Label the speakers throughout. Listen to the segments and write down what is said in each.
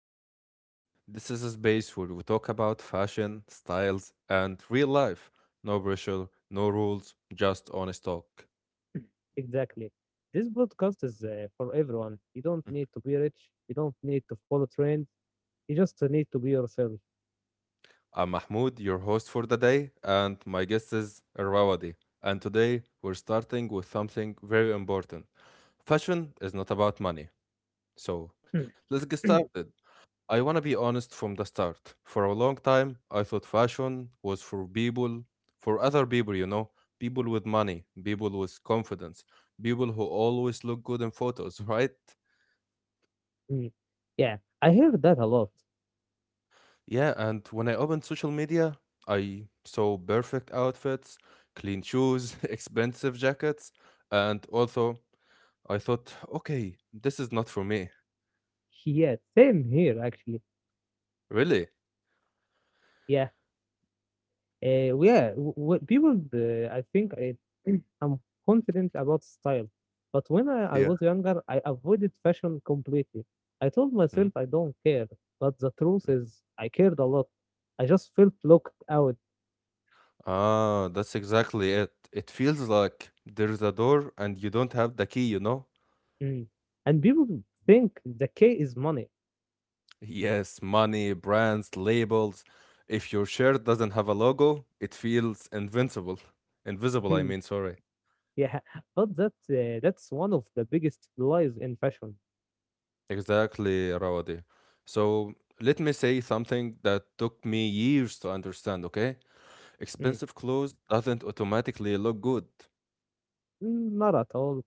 Speaker 1: podcast. This is a space where we talk about fashion, styles, and real life. No pressure, no rules, just honest talk.
Speaker 2: Exactly. This podcast is for everyone. You don't need to be rich. You don't need to follow trends. You just need to be yourself.
Speaker 1: I'm Mahmoud, your host for the day, and my guest is Rawadi. And today we're starting with something very important. Fashion is not about money. So let's get started. I want to be honest from the start. For a long time, I thought fashion was for other people, people with money, people with confidence, people who always look good in photos, right?
Speaker 2: Mm. Yeah, I hear that a lot.
Speaker 1: Yeah, and when I opened social media, I saw perfect outfits, clean shoes, expensive jackets, and also I thought, okay, this is not for me.
Speaker 2: Yeah, same here actually.
Speaker 1: Really?
Speaker 2: Yeah, yeah. People, I'm confident about style, but when I
Speaker 1: Yeah.
Speaker 2: was younger, I avoided fashion completely. I told myself I don't care, but the truth is, I cared a lot. I just felt locked out.
Speaker 1: Ah, that's exactly it. It feels like there's a door and you don't have the key, you know?
Speaker 2: Mm. And people think the K is money.
Speaker 1: Yes, money, brands, labels. If your shirt doesn't have a logo, it feels invincible. Invisible, I
Speaker 2: Mm.
Speaker 1: mean, sorry.
Speaker 2: Yeah, but that's one of the biggest lies in fashion.
Speaker 1: Exactly, Rawadi. So let me say something that took me years to understand, okay?
Speaker 2: Mm.
Speaker 1: Expensive clothes doesn't automatically look good.
Speaker 2: Mm, not at all.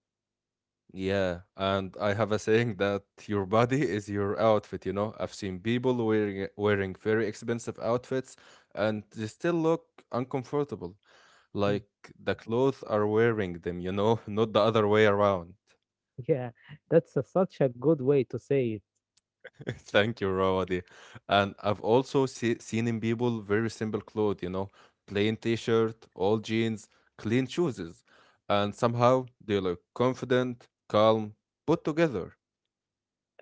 Speaker 1: Yeah, and I have a saying that your body is your outfit. I've seen people wearing very expensive outfits and they still look uncomfortable,
Speaker 2: Mm.
Speaker 1: like the clothes are wearing them, not the other way around.
Speaker 2: Yeah, such a good way to say it.
Speaker 1: Thank you, Rawadi. And I've also seen in people very simple clothes, plain t-shirt, old jeans, clean shoes, and somehow they look confident, calm, put together.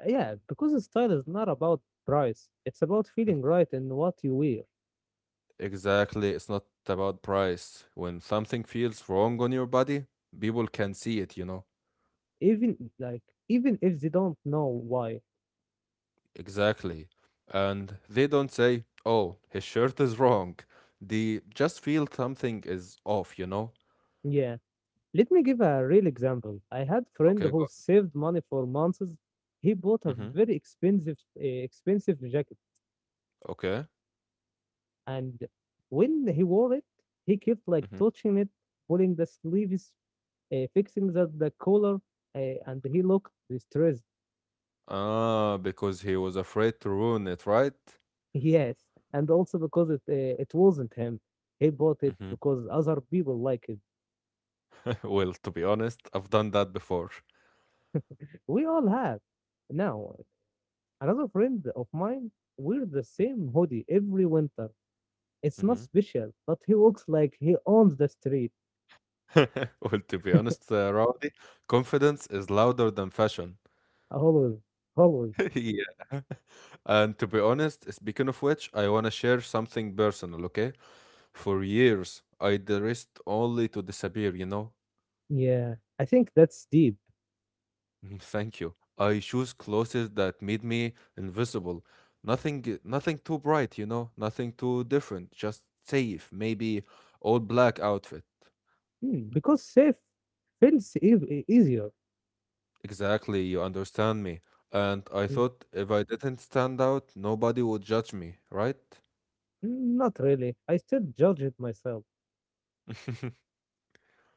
Speaker 2: Yeah, because style is not about price. It's about feeling right in what you wear,
Speaker 1: Exactly. It's not about price. When something feels wrong on your body, people can see it, you know?
Speaker 2: even like even if they don't know why.
Speaker 1: Exactly. And they don't say, oh, his shirt is wrong. They just feel something is off, you know?
Speaker 2: Yeah. Let me give a real example. I had a friend
Speaker 1: Okay,
Speaker 2: who
Speaker 1: go.
Speaker 2: saved money for months. He bought a
Speaker 1: Mm-hmm.
Speaker 2: very expensive jacket.
Speaker 1: Okay.
Speaker 2: And when he wore it, he kept like
Speaker 1: Mm-hmm.
Speaker 2: touching it, pulling the sleeves, fixing the collar, uh, and he looked distressed.
Speaker 1: Ah, because he was afraid to ruin it, right?
Speaker 2: Yes, and also because it wasn't him. He bought it
Speaker 1: Mm-hmm.
Speaker 2: because other people like it.
Speaker 1: Well, to be honest, I've done that before.
Speaker 2: We all have. Now, another friend of mine wears the same hoodie every winter. It's not
Speaker 1: Mm-hmm.
Speaker 2: special, but he looks like he owns the street.
Speaker 1: Well, to be honest, Rowdy, confidence is louder than fashion.
Speaker 2: Always, always.
Speaker 1: Yeah. And to be honest, speaking of which, I want to share something personal, okay? For years, I dressed only to disappear, you know?
Speaker 2: Yeah, I think that's deep.
Speaker 1: Thank you. I choose clothes that made me invisible. Nothing too bright, you know? Nothing too different. Just safe. Maybe all black outfit.
Speaker 2: Mm, because safe feels easier.
Speaker 1: Exactly, you understand me. And I
Speaker 2: Mm,
Speaker 1: thought if I didn't stand out, nobody would judge me, right?
Speaker 2: not really. I still judge it myself.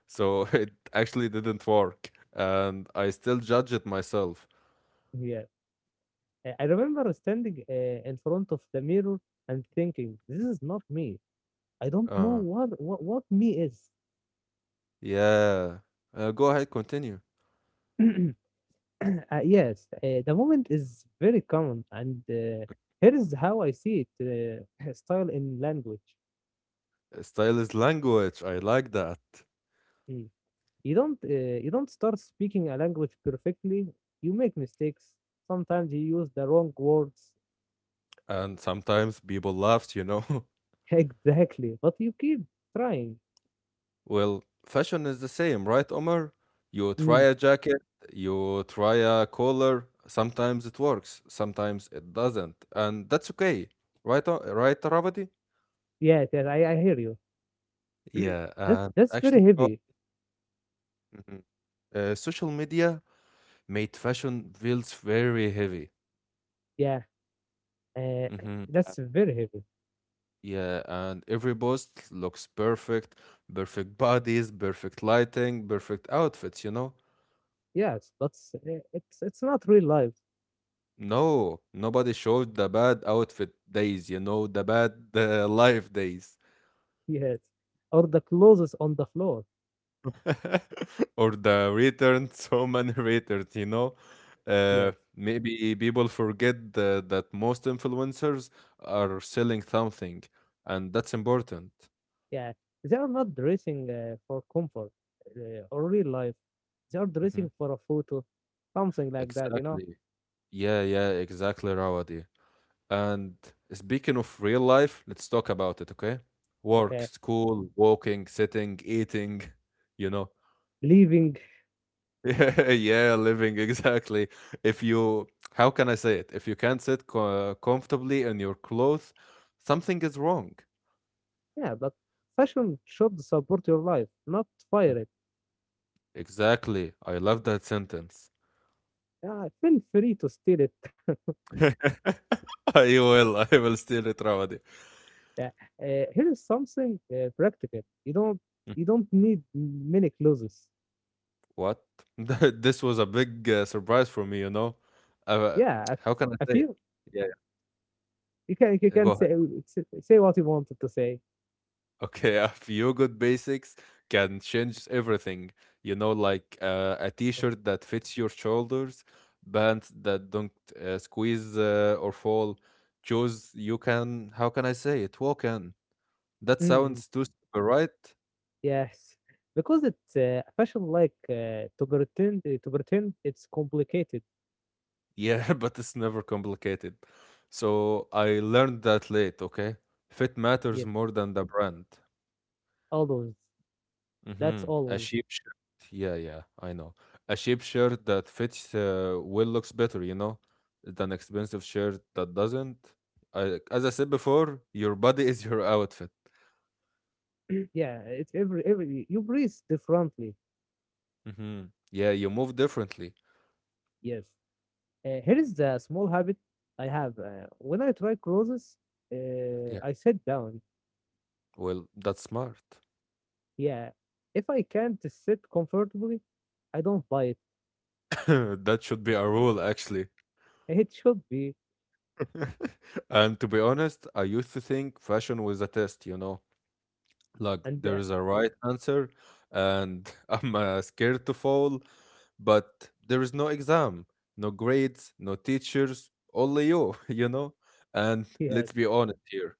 Speaker 1: So it actually didn't work, and I still judge it myself.
Speaker 2: Yeah. I remember standing in front of the mirror and thinking, this is not me. I don't know
Speaker 1: uh
Speaker 2: what me is.
Speaker 1: yeah. Go ahead, continue.
Speaker 2: uh, yes, the moment is very common, and here is how I see it: style in language.
Speaker 1: Style is language. I like that.
Speaker 2: Mm. You don't start speaking a language perfectly. You make mistakes. Sometimes you use the wrong words.
Speaker 1: And sometimes people laugh, you know?
Speaker 2: Exactly. But you keep trying.
Speaker 1: Well, fashion is the same, right, Omar? You try
Speaker 2: Mm.
Speaker 1: a jacket, you try a collar, sometimes it works, sometimes it doesn't, and that's okay, right, right, Ravati?
Speaker 2: Yeah, that, I hear you.
Speaker 1: Yeah,
Speaker 2: That
Speaker 1: and
Speaker 2: that's
Speaker 1: actually,
Speaker 2: very heavy.
Speaker 1: mhm. Social media made fashion feels very heavy.
Speaker 2: Yeah. Uh,
Speaker 1: Mm-hmm.
Speaker 2: that's very heavy.
Speaker 1: Yeah, and every post looks perfect, perfect bodies, perfect lighting, perfect outfits, you know?
Speaker 2: Yes, but it's not real life.
Speaker 1: No, nobody showed the bad outfit days, the bad life days.
Speaker 2: Yes. Or the clothes on the floor.
Speaker 1: Or the return, so many returns, you know?
Speaker 2: Yes.
Speaker 1: Maybe people forget that most influencers are selling something, and that's important.
Speaker 2: Yeah. They are not dressing for comfort or real life. They are
Speaker 1: Hmm.
Speaker 2: dressing for a photo, something like that. You know.
Speaker 1: Exactly. Yeah, yeah, exactly, Rawadi. And speaking of real life, let's talk about it, okay? Work,
Speaker 2: Okay.
Speaker 1: school, walking, sitting, eating, you know.
Speaker 2: Leaving.
Speaker 1: Yeah, yeah, living, exactly. If you, How can I say it? If you can't sit comfortably in your clothes, something is wrong.
Speaker 2: Yeah, but fashion should support your life, not
Speaker 1: Mm.
Speaker 2: fire it.
Speaker 1: Exactly. I love that sentence.
Speaker 2: Yeah, feel free to steal it.
Speaker 1: I I will steal it, Rawadi.
Speaker 2: Yeah, here is something practical. You don't need many closes.
Speaker 1: What? This was a big surprise for me. Uh,
Speaker 2: Yeah,
Speaker 1: how can I
Speaker 2: a
Speaker 1: say it?
Speaker 2: few.
Speaker 1: Yeah,
Speaker 2: You
Speaker 1: yeah, go
Speaker 2: can say
Speaker 1: ahead.
Speaker 2: Say what you wanted to say.
Speaker 1: Okay, a few good basics can change everything. Like a
Speaker 2: Uh,
Speaker 1: t-shirt that fits your shoulders, pants that don't squeeze or fall, shoes you can, how can I say it? Walk in. That
Speaker 2: Mm, mm,
Speaker 1: sounds too simple, right?
Speaker 2: yes, because it's fashion like to pretend it's complicated.
Speaker 1: Yeah, but it's never complicated. So I learned that late, okay? Fit matters
Speaker 2: Yet
Speaker 1: more than the brand.
Speaker 2: always That's
Speaker 1: Mhm. A
Speaker 2: always.
Speaker 1: sheep shirt. Yeah, yeah, I know. A sheep shirt that fits well looks better, than expensive shirt that doesn't. As I said before, your body is your outfit.
Speaker 2: Yeah, it's every you breathe differently.
Speaker 1: Hmm. Yeah, you move differently.
Speaker 2: Yes. Here is the small habit I have. When I try clothes,
Speaker 1: Yeah.
Speaker 2: I sit down.
Speaker 1: Well, that's smart.
Speaker 2: Yeah, if I can't sit comfortably, I don't buy it.
Speaker 1: That should be a rule, actually.
Speaker 2: It should be,
Speaker 1: And to be honest, I used to think fashion was a test, like
Speaker 2: and
Speaker 1: there is a right answer, and I'm scared to fall, but there is no exam, no grades, no teachers, only you, you know? And
Speaker 2: yeah,
Speaker 1: let's be honest here,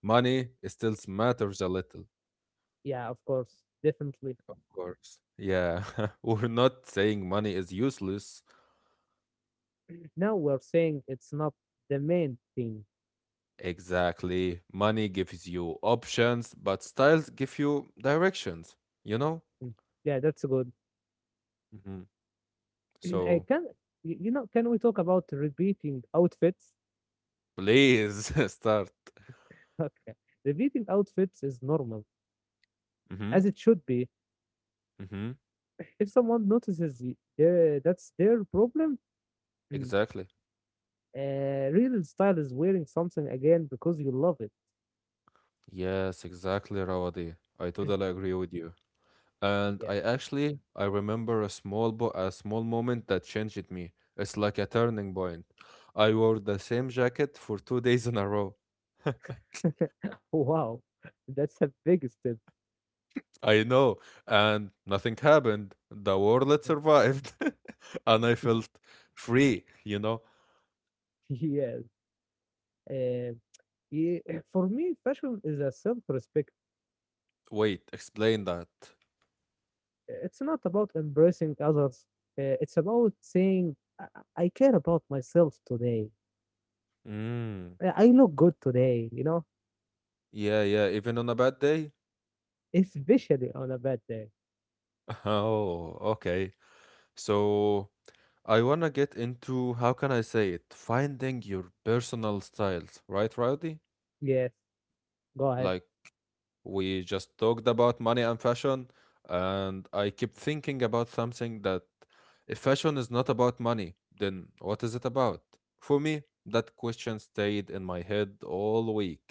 Speaker 1: money still matters a little,
Speaker 2: yeah, of course, definitely.
Speaker 1: of course. Yeah, we're not saying money is useless.
Speaker 2: Now we're saying it's not the main thing.
Speaker 1: Exactly. Money gives you options, but styles give you directions, you know?
Speaker 2: Mm, yeah, that's good.
Speaker 1: Mhm.
Speaker 2: I
Speaker 1: So
Speaker 2: can, y- you know, can we talk about repeating outfits?
Speaker 1: please start.
Speaker 2: Okay, repeating outfits is normal,
Speaker 1: Hmm.
Speaker 2: as it should be.
Speaker 1: Hmm.
Speaker 2: If someone notices that's their problem, mm,
Speaker 1: Exactly.
Speaker 2: real style is wearing something again because you love it.
Speaker 1: Yes, exactly, Rawadi. I totally agree with you. And
Speaker 2: Yeah.
Speaker 1: I actually I remember a small bo a small moment that changed me. It's like a turning point. I wore the same jacket for 2 days in a row.
Speaker 2: Wow, that's a big step.
Speaker 1: I know, and nothing happened. The warlet survived, and I felt free, you know?
Speaker 2: Yes. Uh, ye- for me, fashion is a self respect.
Speaker 1: Wait, explain that.
Speaker 2: It's not about embracing others, it's about saying, I care about myself today.
Speaker 1: Mm,
Speaker 2: I look good today, you know,
Speaker 1: yeah, yeah, even on a bad day?
Speaker 2: especially on a bad day.
Speaker 1: Oh, okay. So, I wanna get into how can I say it? Finding your personal styles, right, Rowdy?
Speaker 2: Yes, go ahead.
Speaker 1: Like we just talked about money and fashion, and I keep thinking about something that if fashion is not about money, then what is it about? For me, that question stayed in my head all week.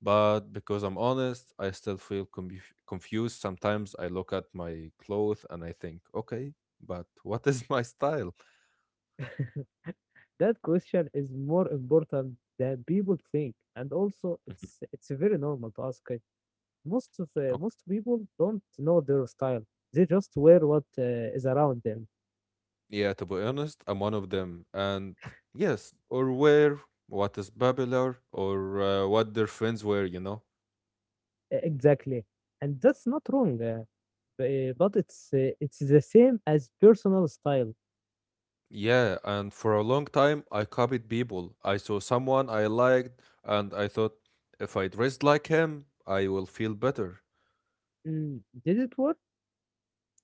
Speaker 1: But because I'm honest, I still feel confused. Sometimes I look at my clothes and I think, okay, but what is my style?
Speaker 2: That question is more important than people think. And also, it's very normal to ask. Most people don't know their style. They just wear what is around them.
Speaker 1: Yeah, to be honest, I'm one of them. And yes, or where, what is Babbler, or what their friends were, you know?
Speaker 2: Exactly, and that's not wrong. But it's the same as personal style.
Speaker 1: Yeah, and for a long time, I copied people. I saw someone I liked, and I thought, if I dressed like him, I will feel better.
Speaker 2: Mm, did it work?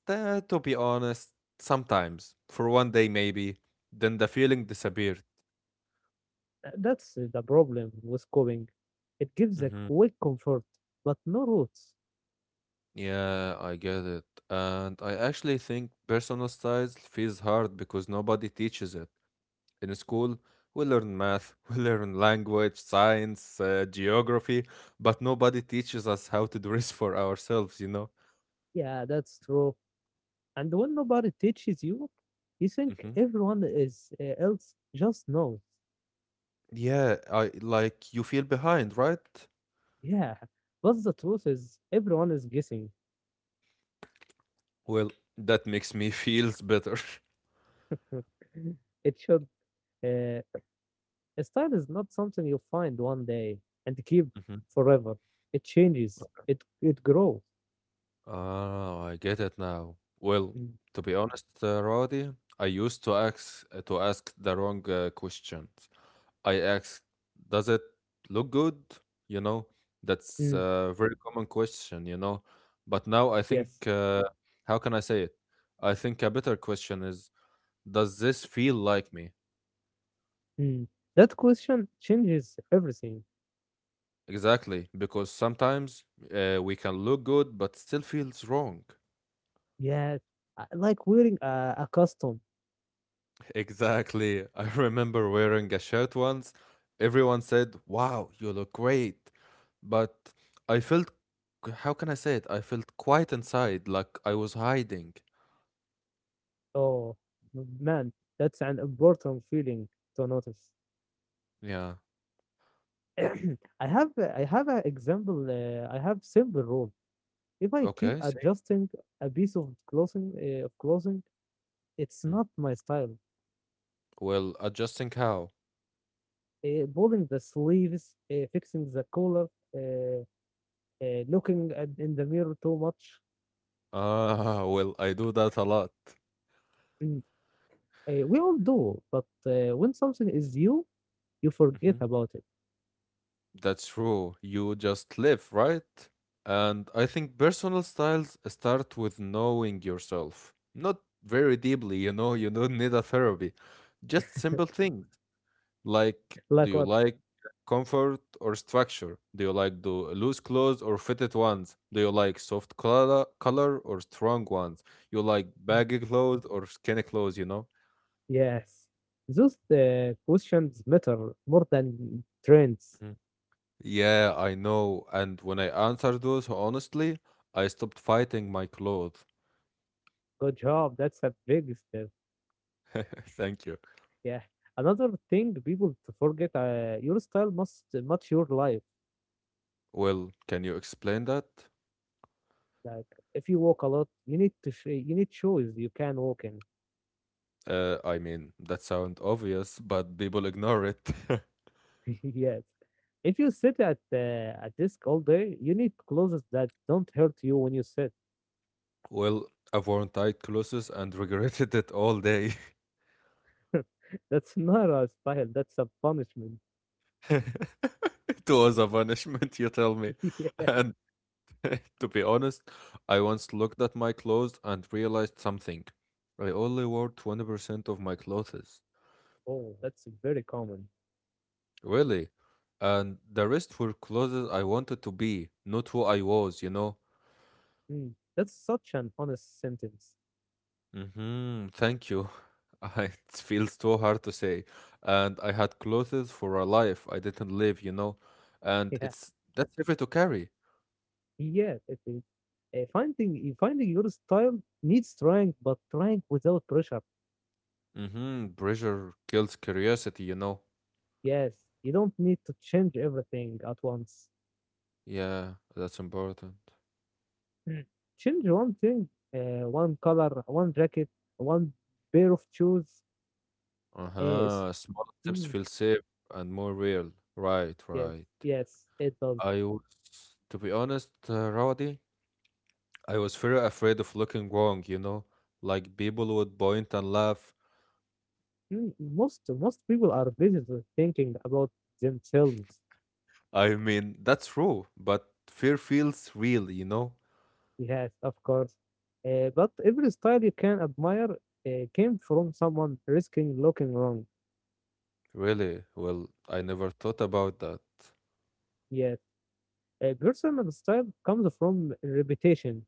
Speaker 1: To be honest, sometimes, for one day maybe, then the feeling disappeared.
Speaker 2: That's the problem with coding. It gives a
Speaker 1: Hmm.
Speaker 2: quick comfort, but no roots.
Speaker 1: Yeah, I get it. And I actually think personal styles feels hard because nobody teaches it. In school, we learn math, we learn language, science, geography, but nobody teaches us how to dress for ourselves, you know?
Speaker 2: Yeah, that's true. And when nobody teaches you, you think
Speaker 1: Hmm.
Speaker 2: everyone is else just knows.
Speaker 1: Yeah, I like, you feel behind, right?
Speaker 2: Yeah, but the truth is, everyone is guessing.
Speaker 1: Well, that makes me feels better.
Speaker 2: It should. Uh, a style is not something you find one day and keep
Speaker 1: Hmm.
Speaker 2: forever. It changes. It grows.
Speaker 1: Oh, I get it now. Well,
Speaker 2: Mm,
Speaker 1: to be honest, Roddy, I used to ask the wrong questions. I ask, does it look good? You know, that's
Speaker 2: mm,
Speaker 1: a very common question. But now I
Speaker 2: yes.
Speaker 1: think, how can I say it? I think a better question is, does this feel like me?
Speaker 2: Mm. That question changes everything.
Speaker 1: Exactly, because sometimes we can look good, but still feels wrong.
Speaker 2: Yeah, I like wearing a costume.
Speaker 1: Exactly. I remember wearing a shirt once. Everyone said, wow, you look great. But I felt, how can I say it? I felt quiet inside, like I was hiding.
Speaker 2: Oh man, that's an important feeling to notice.
Speaker 1: Yeah.
Speaker 2: I have I have an example. I have simple rule. If I keep
Speaker 1: Okay. See.
Speaker 2: adjusting a piece of clothing it's
Speaker 1: Mm.
Speaker 2: not my style.
Speaker 1: Well, adjusting how?
Speaker 2: Pulling the sleeves, fixing the collar, uh, looking at, in the mirror too much.
Speaker 1: Ah, well, I do that a lot.
Speaker 2: Mm, we all do, but when something is you, you forget
Speaker 1: Hmm.
Speaker 2: about it.
Speaker 1: That's true. You just live, right? And I think personal styles start with knowing yourself. Not very deeply, you don't need a therapy. Just simple things. Like, do
Speaker 2: Like
Speaker 1: you
Speaker 2: what?
Speaker 1: like comfort or structure? Do you like do loose clothes or fitted ones? Do you like soft color or strong ones? You like baggy clothes or skinny clothes, you know?
Speaker 2: Yes, those questions matter more than trends.
Speaker 1: Mhm. Yeah, I know. And when I answered those honestly, I stopped fighting my clothes.
Speaker 2: Good job. That's a big step.
Speaker 1: Thank you.
Speaker 2: Yeah. Another thing people to forget: your style must match your life.
Speaker 1: Well, can you explain that?
Speaker 2: Like if you walk a lot, you need shoes you can walk in.
Speaker 1: I mean, that sounds obvious, but people ignore it.
Speaker 2: Yes. If you sit at a desk all day, you need clothes that don't hurt you when you sit.
Speaker 1: Well, I've worn tight clothes and regretted it all day.
Speaker 2: That's not a style, that's a punishment.
Speaker 1: It was a punishment, you tell me.
Speaker 2: Yeah.
Speaker 1: And to be honest, I once looked at my clothes and realized something. I only wore 20% of my clothes.
Speaker 2: Oh, that's very common.
Speaker 1: Really? And the rest were clothes I wanted to be, not who I was, you know?
Speaker 2: Mm, that's such an honest sentence.
Speaker 1: Mm-hmm, thank you. I- It feels too hard to say. And I had clothes for a life I didn't live, you know? And
Speaker 2: Yeah,
Speaker 1: it's that's heavy to carry.
Speaker 2: yeah, it is. Finding your style needs trying, but trying without pressure.
Speaker 1: Mm-hmm, pressure kills curiosity, you know?
Speaker 2: Yes, you don't need to change everything at once.
Speaker 1: Yeah, that's important.
Speaker 2: Mm. Change one thing, one color, one jacket, one pair of shoes. Yes,
Speaker 1: Uh-huh. Small steps
Speaker 2: mm,
Speaker 1: feel safe and more real. Right,
Speaker 2: yes,
Speaker 1: right.
Speaker 2: yes, it does.
Speaker 1: I was, to be honest, Rawadi, I was very afraid of looking wrong, you know? Like people would point and laugh.
Speaker 2: Mm, most people are busy with thinking about themselves.
Speaker 1: I mean, that's true, but fear feels real, you know?
Speaker 2: Yes, of course. But every style you can admire came from someone risking looking wrong.
Speaker 1: Really? Well, I never thought about that.
Speaker 2: Yes, a personal style comes from repetition,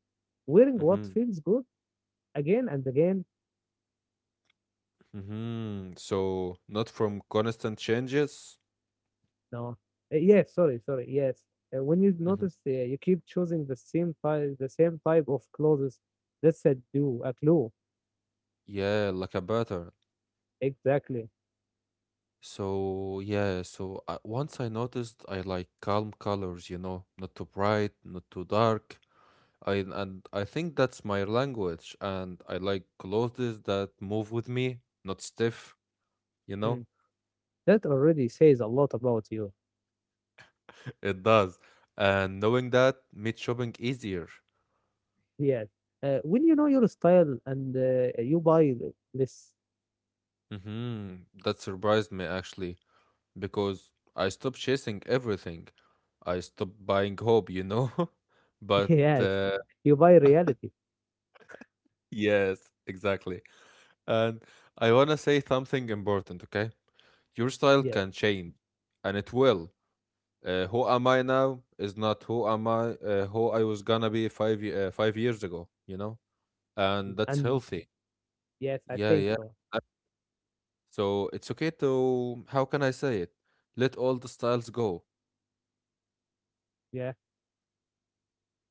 Speaker 2: wearing what
Speaker 1: Mm-hmm.
Speaker 2: feels good again and again.
Speaker 1: Mm-hmm. So, not from constant changes?
Speaker 2: No, yes, sorry, sorry, yes. When you
Speaker 1: Mm-hmm.
Speaker 2: notice, you keep choosing the same type, of clothes. That's a clue.
Speaker 1: Yeah, like a pattern.
Speaker 2: Exactly.
Speaker 1: So yeah, so once I noticed I like calm colors, not too bright, not too dark. I and I think that's my language, and I like clothes that move with me, not stiff, you know.
Speaker 2: Mm. That already says a lot about you.
Speaker 1: It does, and knowing that made shopping easier.
Speaker 2: Yes. When you know your style and you buy this,
Speaker 1: Mm-hmm. That surprised me actually, because I stopped chasing everything. I stopped buying hope. But
Speaker 2: yes, you buy reality.
Speaker 1: yes, exactly. And I want to say something important, okay? Your style
Speaker 2: Yes.
Speaker 1: can change, and it will. Who am I now is not who am I, who I was gonna be 5 years ago, you know? And that's
Speaker 2: And
Speaker 1: healthy.
Speaker 2: yes, I
Speaker 1: Yeah,
Speaker 2: think
Speaker 1: yeah.
Speaker 2: so.
Speaker 1: Uh, So it's okay to, how can I say it? Let all the styles go.
Speaker 2: Yeah.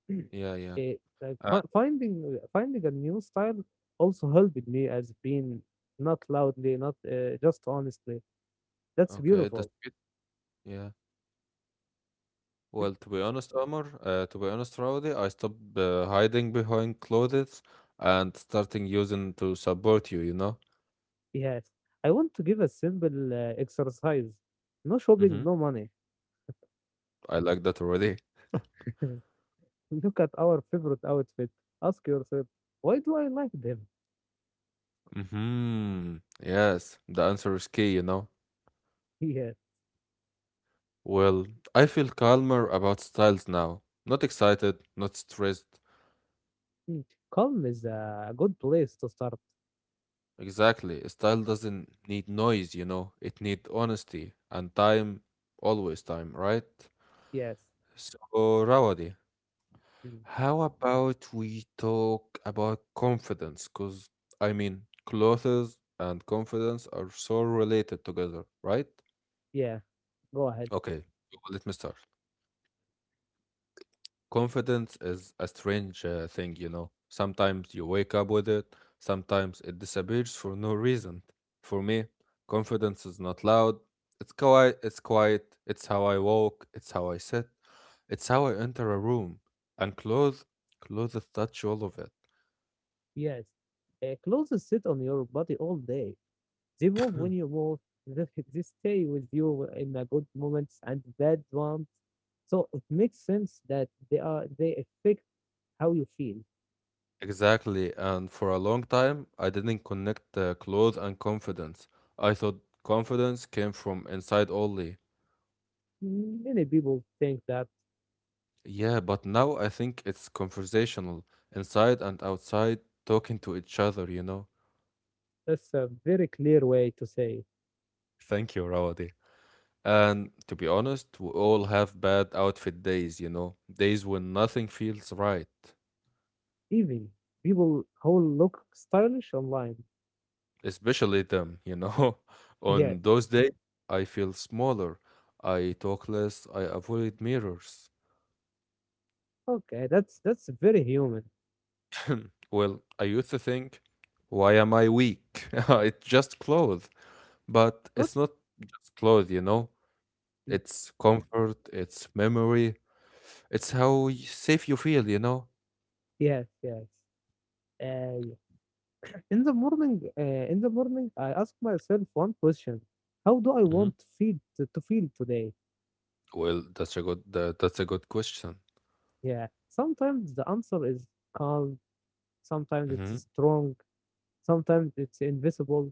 Speaker 1: Yeah, yeah.
Speaker 2: It, like
Speaker 1: Uh,
Speaker 2: finding a new style also helped me as being not loudly, not just honestly. That's
Speaker 1: okay, that's
Speaker 2: beautiful.
Speaker 1: good. Yeah. Well, to be honest, to be honest, Rowdy, I stopped hiding behind clothes and starting using to support you, you know?
Speaker 2: Yes. I want to give a simple exercise. No shopping,
Speaker 1: Mm-hmm.
Speaker 2: no money.
Speaker 1: I like that already.
Speaker 2: Look at our favorite outfit. Ask yourself, why do I like them?
Speaker 1: Mm-hmm. Yes, the answer is key, you know.
Speaker 2: Yeah.
Speaker 1: Well, I feel calmer about styles now. Not excited, not stressed.
Speaker 2: Mm. Calm is a good place to start.
Speaker 1: Exactly. A style doesn't need noise, you know. It needs honesty and time, always time, right?
Speaker 2: Yes.
Speaker 1: So, Rawadi,
Speaker 2: Mm.
Speaker 1: how about we talk about confidence? Because, I mean, clothes and confidence are so related together, right?
Speaker 2: Yeah. Go ahead.
Speaker 1: Okay, let me start. Confidence is a strange thing, you know. Sometimes you wake up with it, sometimes it disappears for no reason. For me, confidence is not loud. It's quiet, it's quiet. It's how I walk, it's how I sit, it's how I enter a room and clothes touch all of
Speaker 2: Yes. Clothes sit on your body all day. They
Speaker 1: it.
Speaker 2: move when you move. They They stay with you in the good moments and bad ones. So it makes sense that they affect how you feel.
Speaker 1: Exactly, and for a long time I didn't connect clothes and confidence. I thought confidence came from inside only.
Speaker 2: Many people think that.
Speaker 1: Yeah, but now I think it's conversational, inside and outside, talking to each other, you know?
Speaker 2: That's a very clear way to say it.
Speaker 1: Thank you, Rawadi. And to be honest, we all have bad outfit days, you know? Days when nothing feels right.
Speaker 2: Even people who look stylish online.
Speaker 1: Especially them, you know?
Speaker 2: Yes.
Speaker 1: On those days, I feel smaller. I talk less. I avoid mirrors.
Speaker 2: Okay, that's very human.
Speaker 1: Well, I used to think, why am I weak? It's just clothes. But
Speaker 2: But
Speaker 1: it's not just clothes, you know?
Speaker 2: mm,
Speaker 1: It's comfort, it's memory, it's how safe you feel, you know?
Speaker 2: yes, yes. Uh, yeah. In the morning, I ask myself one question: how do I
Speaker 1: Hmm.
Speaker 2: want to feel today?
Speaker 1: Well, that's a good question.
Speaker 2: Yeah. Sometimes the answer is calm. Sometimes
Speaker 1: Hmm.
Speaker 2: it's strong. Sometimes it's invisible.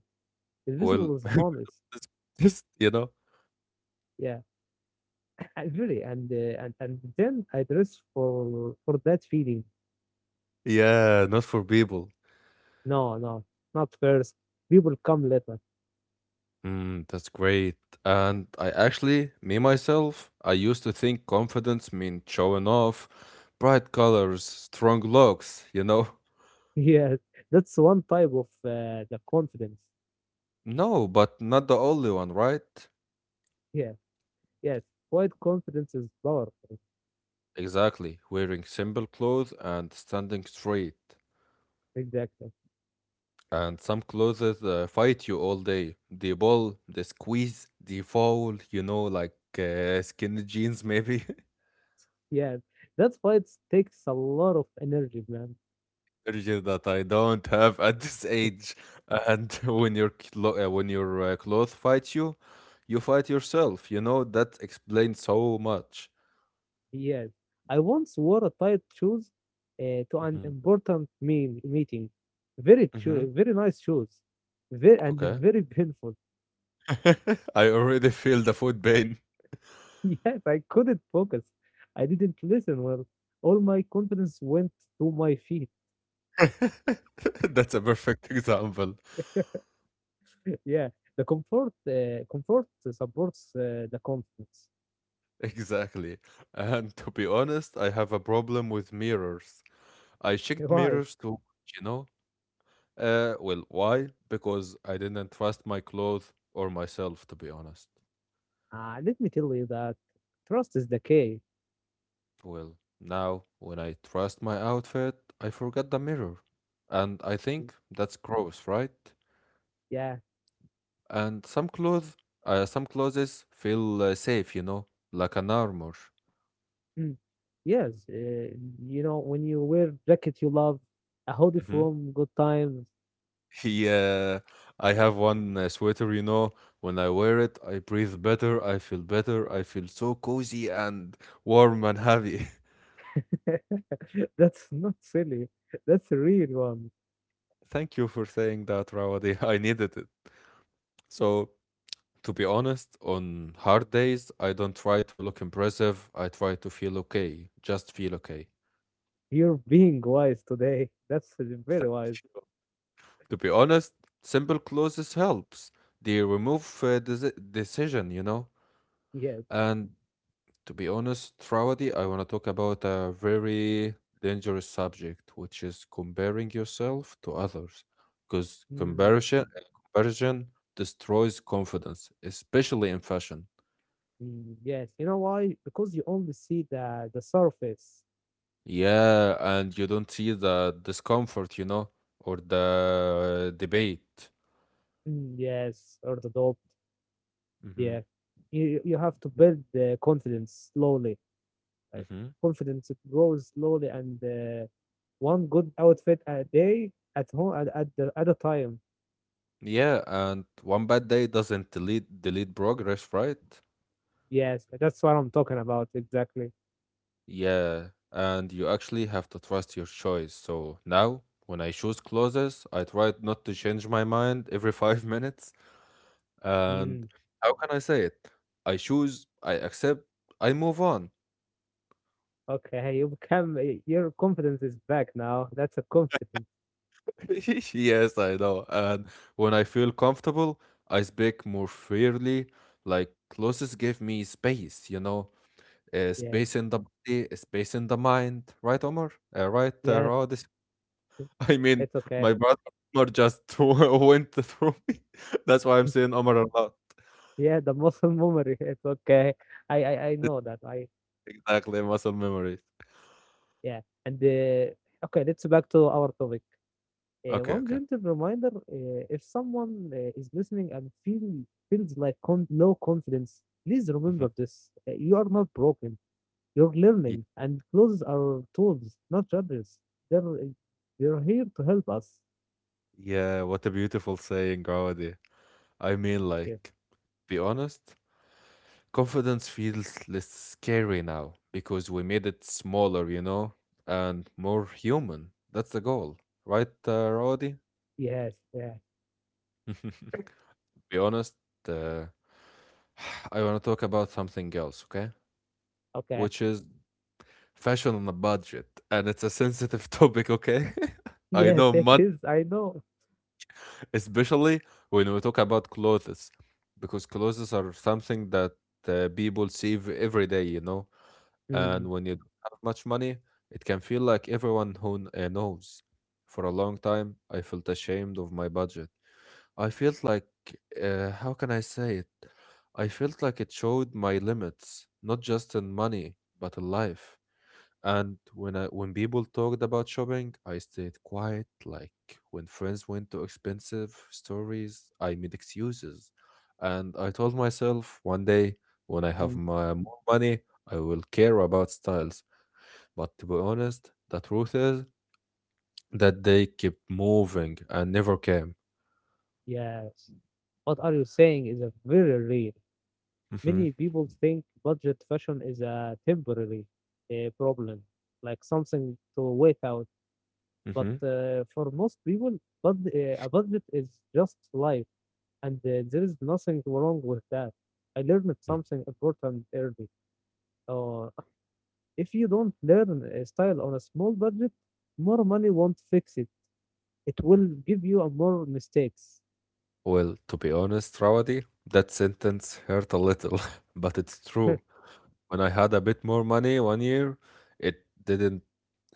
Speaker 1: Well,
Speaker 2: Invisible is honest.
Speaker 1: just you know,
Speaker 2: Yeah, I really. And and then I dress for for that feeling.
Speaker 1: yeah, not for people.
Speaker 2: No, no, not first. People come later.
Speaker 1: Mm, that's great. And I actually, me myself, I used to think confidence meant showing off, bright colors, strong looks, you know?
Speaker 2: Yes, that's one type of the confidence.
Speaker 1: No, but not the only one, right?
Speaker 2: Yes, yes. Quiet confidence is powerful.
Speaker 1: Exactly, wearing simple clothes and standing straight.
Speaker 2: Exactly.
Speaker 1: And some clothes fight you all day. They ball, they squeeze, they fall, you know, like skinny jeans, maybe.
Speaker 2: Yes, that fight takes a lot of energy, man.
Speaker 1: Energy that I don't have at this age. And when your clothes fight you, you fight yourself. You know that explains so much.
Speaker 2: Yes, I once wore a tight shoes to an
Speaker 1: Hmm.
Speaker 2: important mean meeting.
Speaker 1: Hmm.
Speaker 2: Very nice shoes,
Speaker 1: Okay,
Speaker 2: very painful.
Speaker 1: I already feel the foot pain.
Speaker 2: Yes, I couldn't focus. I didn't listen well. All my confidence went to my feet.
Speaker 1: That's a perfect example.
Speaker 2: Yeah, the comfort comfort supports the confidence.
Speaker 1: Exactly. And to be honest, I have a problem with mirrors. I checked
Speaker 2: Why?
Speaker 1: mirrors too, you know? Well, why? Because I didn't trust my clothes or myself, to be honest.
Speaker 2: Let me tell you that trust is the key.
Speaker 1: Well, now, when I trust my outfit, I forget the mirror. And I think that's gross, right?
Speaker 2: Yeah.
Speaker 1: And some clothes feel safe, you know, like an armor.
Speaker 2: Mm. Yes. You know, when you wear jacket you love, a hoodie
Speaker 1: Hmm.
Speaker 2: from good times.
Speaker 1: Yeah, I have one sweater, you know. When I wear it, I breathe better, I feel so cozy and warm and happy.
Speaker 2: That's not silly. That's a real one.
Speaker 1: Thank you for saying that, Rawadi. I needed it. So, to be honest, on hard days, I don't try to look impressive. I try to feel okay. Just feel okay.
Speaker 2: You're being wise today. That's very
Speaker 1: Thank
Speaker 2: wise.
Speaker 1: you. To be honest, simple clothes helps. They remove decision, you know?
Speaker 2: Yes.
Speaker 1: And to be honest, Rawadi, I want to talk about a very dangerous subject, which is comparing yourself to others. Because
Speaker 2: Mm.
Speaker 1: comparison destroys confidence, especially in fashion.
Speaker 2: Mm. Yes. You know why? Because you only see the surface.
Speaker 1: Yeah, and you don't see the discomfort, you know, or the debate.
Speaker 2: Mm, yes, or the top.
Speaker 1: Mm-hmm.
Speaker 2: Yeah, you have to build the confidence slowly. Like
Speaker 1: Mm-hmm.
Speaker 2: confidence it grows slowly, and one good outfit a day at home at at a time.
Speaker 1: Yeah, and one bad day doesn't delete progress, right?
Speaker 2: Yes, that's what I'm talking about exactly.
Speaker 1: Yeah, and you actually have to trust your choice. So now, when I choose clothes, I try not to change my mind every 5 minutes. And
Speaker 2: Mm,
Speaker 1: how can I say it? I choose, I accept, I move on.
Speaker 2: okay, you become your confidence is back now. That's a confidence.
Speaker 1: Yes, I know. And when I feel comfortable, I speak more freely. Like closest give me space, you know,
Speaker 2: Yes,
Speaker 1: space in the body, space in the mind. Right, Omar? Right,
Speaker 2: yes,
Speaker 1: Rodis? I mean,
Speaker 2: it's okay.
Speaker 1: my brother Omar just went through me. That's why I'm saying Omar a lot.
Speaker 2: Yeah, the muscle memory. It's okay. I
Speaker 1: It's
Speaker 2: know that. I
Speaker 1: exactly muscle memories.
Speaker 2: yeah. And okay, let's back to our topic.
Speaker 1: Okay,
Speaker 2: One
Speaker 1: okay.
Speaker 2: gentle reminder if someone is listening and feel, feels like low confidence, please
Speaker 1: Mhm.
Speaker 2: remember this. You are not broken, you're
Speaker 1: Ye-
Speaker 2: learning, and clothes are tools, not judges. They're, they're here to help us.
Speaker 1: Yeah, what a beautiful saying, Roddy. I mean,
Speaker 2: Yeah.
Speaker 1: like, be honest. Confidence feels less scary now because we made it smaller, you know, and more human. That's the goal, right, Roddy?
Speaker 2: Yes, yeah,
Speaker 1: Be honest, uh, I want to talk about something else, okay?
Speaker 2: okay.
Speaker 1: Which is fashion on a budget, and it's a sensitive topic, okay? I
Speaker 2: Yes,
Speaker 1: know
Speaker 2: it
Speaker 1: much,
Speaker 2: is, I know.
Speaker 1: especially when we talk about clothes, because clothes are something that people every day, you know.
Speaker 2: Mm,
Speaker 1: And when you don't have much money, it can feel like everyone who knows. For a long time, I felt ashamed of my budget. I felt like, how can I say it? I felt like it showed my limits, not just in money, but in life. And when people talked about shopping, I stayed quiet. Like when friends went to expensive stories, I made excuses. And I told myself one day when I have
Speaker 2: mm,
Speaker 1: my more money, I will care about styles. But to be honest, the truth is that they kept moving and never came.
Speaker 2: yes. What are you saying is a very real.
Speaker 1: Hmm.
Speaker 2: Many people think budget fashion is a temporary problem, like something to wait out. But
Speaker 1: Hmm.
Speaker 2: for most people, bud a budget is just life, and there is nothing wrong with that. I learned something important early. Uh, if you don't learn a style on a small budget, more money won't fix it. It will give you a more mistakes.
Speaker 1: Well, to be honest, Rawadi, that sentence hurt a little, but it's true. When I had a bit more money one year, it didn't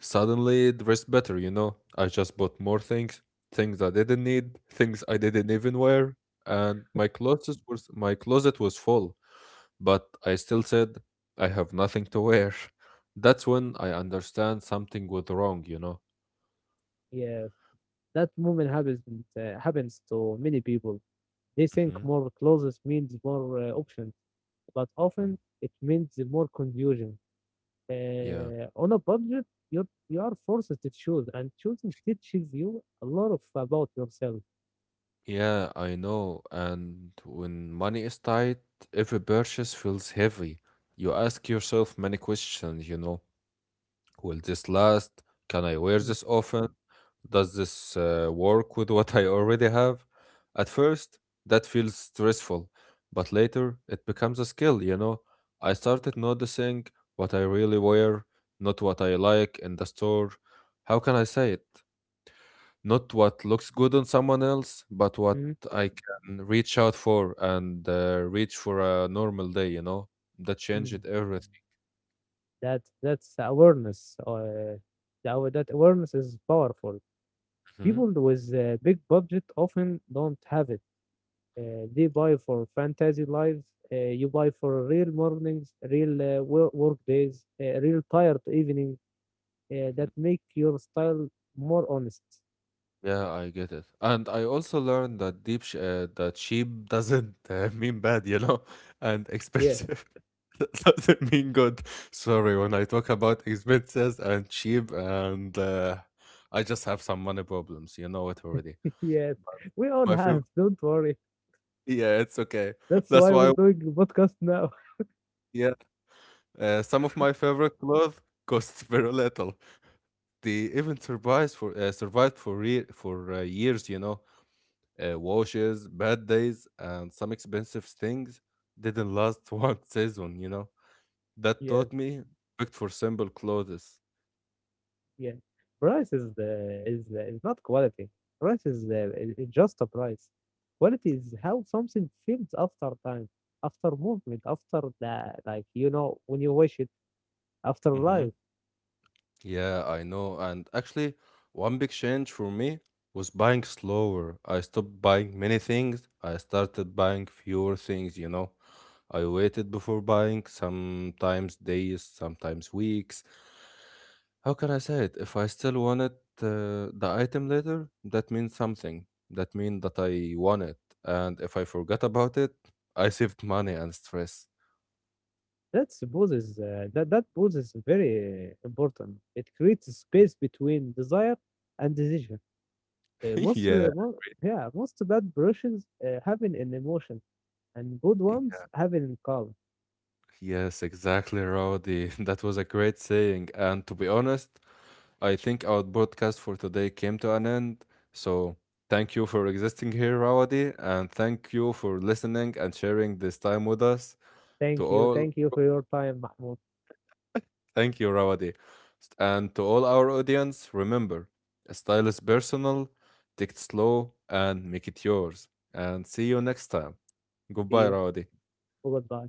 Speaker 1: suddenly dress better, you know? I just bought more things, things I didn't need, things I didn't even wear, and my closet was full, but I still said I have nothing to wear. That's when I understand something was wrong, you know?
Speaker 2: Yeah, that moment happens happens to many people. They think
Speaker 1: Hmm.
Speaker 2: more clothes means more options, but often it means more confusion.
Speaker 1: Yeah.
Speaker 2: On a budget, you are forced to choose, and choosing teaches you a lot of about yourself.
Speaker 1: Yeah, I know. And when money is tight, every purchase feels heavy. You ask yourself many questions, you know. Will this last? Can I wear this often? Does this work with what I already have? At first, that feels stressful, but later it becomes a skill, you know. I started noticing what I really wear, not what I like in the store. How can I say it? Not what looks good on someone else, but what
Speaker 2: Mhm,
Speaker 1: I can reach out for and reach for a normal day, you know? That
Speaker 2: mhm.
Speaker 1: changed everything.
Speaker 2: That's awareness. That awareness is powerful.
Speaker 1: Hmm.
Speaker 2: People with big budget often don't have it. They buy for fantasy lives. You buy for real mornings, real work days, real tired evenings.
Speaker 1: Hmm.
Speaker 2: That make your style more honest.
Speaker 1: Yeah, I get it. And I also learned that deep sh that cheap doesn't mean bad, you know, and
Speaker 2: Yeah,
Speaker 1: expensive doesn't mean good. Sorry, when I talk about expenses and cheap and I just have some money problems, you know it already.
Speaker 2: yes, we all
Speaker 1: My
Speaker 2: have.
Speaker 1: favorite,
Speaker 2: Don't worry.
Speaker 1: yeah, it's okay.
Speaker 2: That's
Speaker 1: That's
Speaker 2: why we're
Speaker 1: why,
Speaker 2: doing the podcast now.
Speaker 1: yeah. Some of my favorite clothes costs very little. They even survives for survived for years. You know, washes, bad days, and some expensive things didn't last one season. You know. That
Speaker 2: Yes,
Speaker 1: taught me respect for simple clothes.
Speaker 2: yes. Price is the is not quality. Price is the, just a price. Quality is how something feels after time, after movement, after the like you know when you watch it after
Speaker 1: Hmm.
Speaker 2: life.
Speaker 1: Yeah, I know. And actually, one big change for me was buying slower. I stopped buying many things. I started buying fewer things, you know. I waited before buying, sometimes days, sometimes weeks. How can I say it? If I still wanted the item later, that means something. That means that I want it. And if I forgot about it, I saved money and stress.
Speaker 2: That that pose is very important. It creates a space between desire and decision.
Speaker 1: Yeah.
Speaker 2: Yeah, most bad versions have an emotion and good ones having calm.
Speaker 1: Yes, exactly, Rowdy. That was a great saying. And to be honest, I think our broadcast for today came to an end. So thank you for existing here, Rowdy. And thank you for listening and sharing this time with us.
Speaker 2: Thank
Speaker 1: To
Speaker 2: you.
Speaker 1: all,
Speaker 2: Thank you for your time, Mahmoud.
Speaker 1: thank you, Rowdy. And to all our audience, remember, style is personal, take it slow, and make it yours. And see you next time.
Speaker 2: See
Speaker 1: Goodbye,
Speaker 2: you.
Speaker 1: Rowdy.
Speaker 2: Oh, goodbye.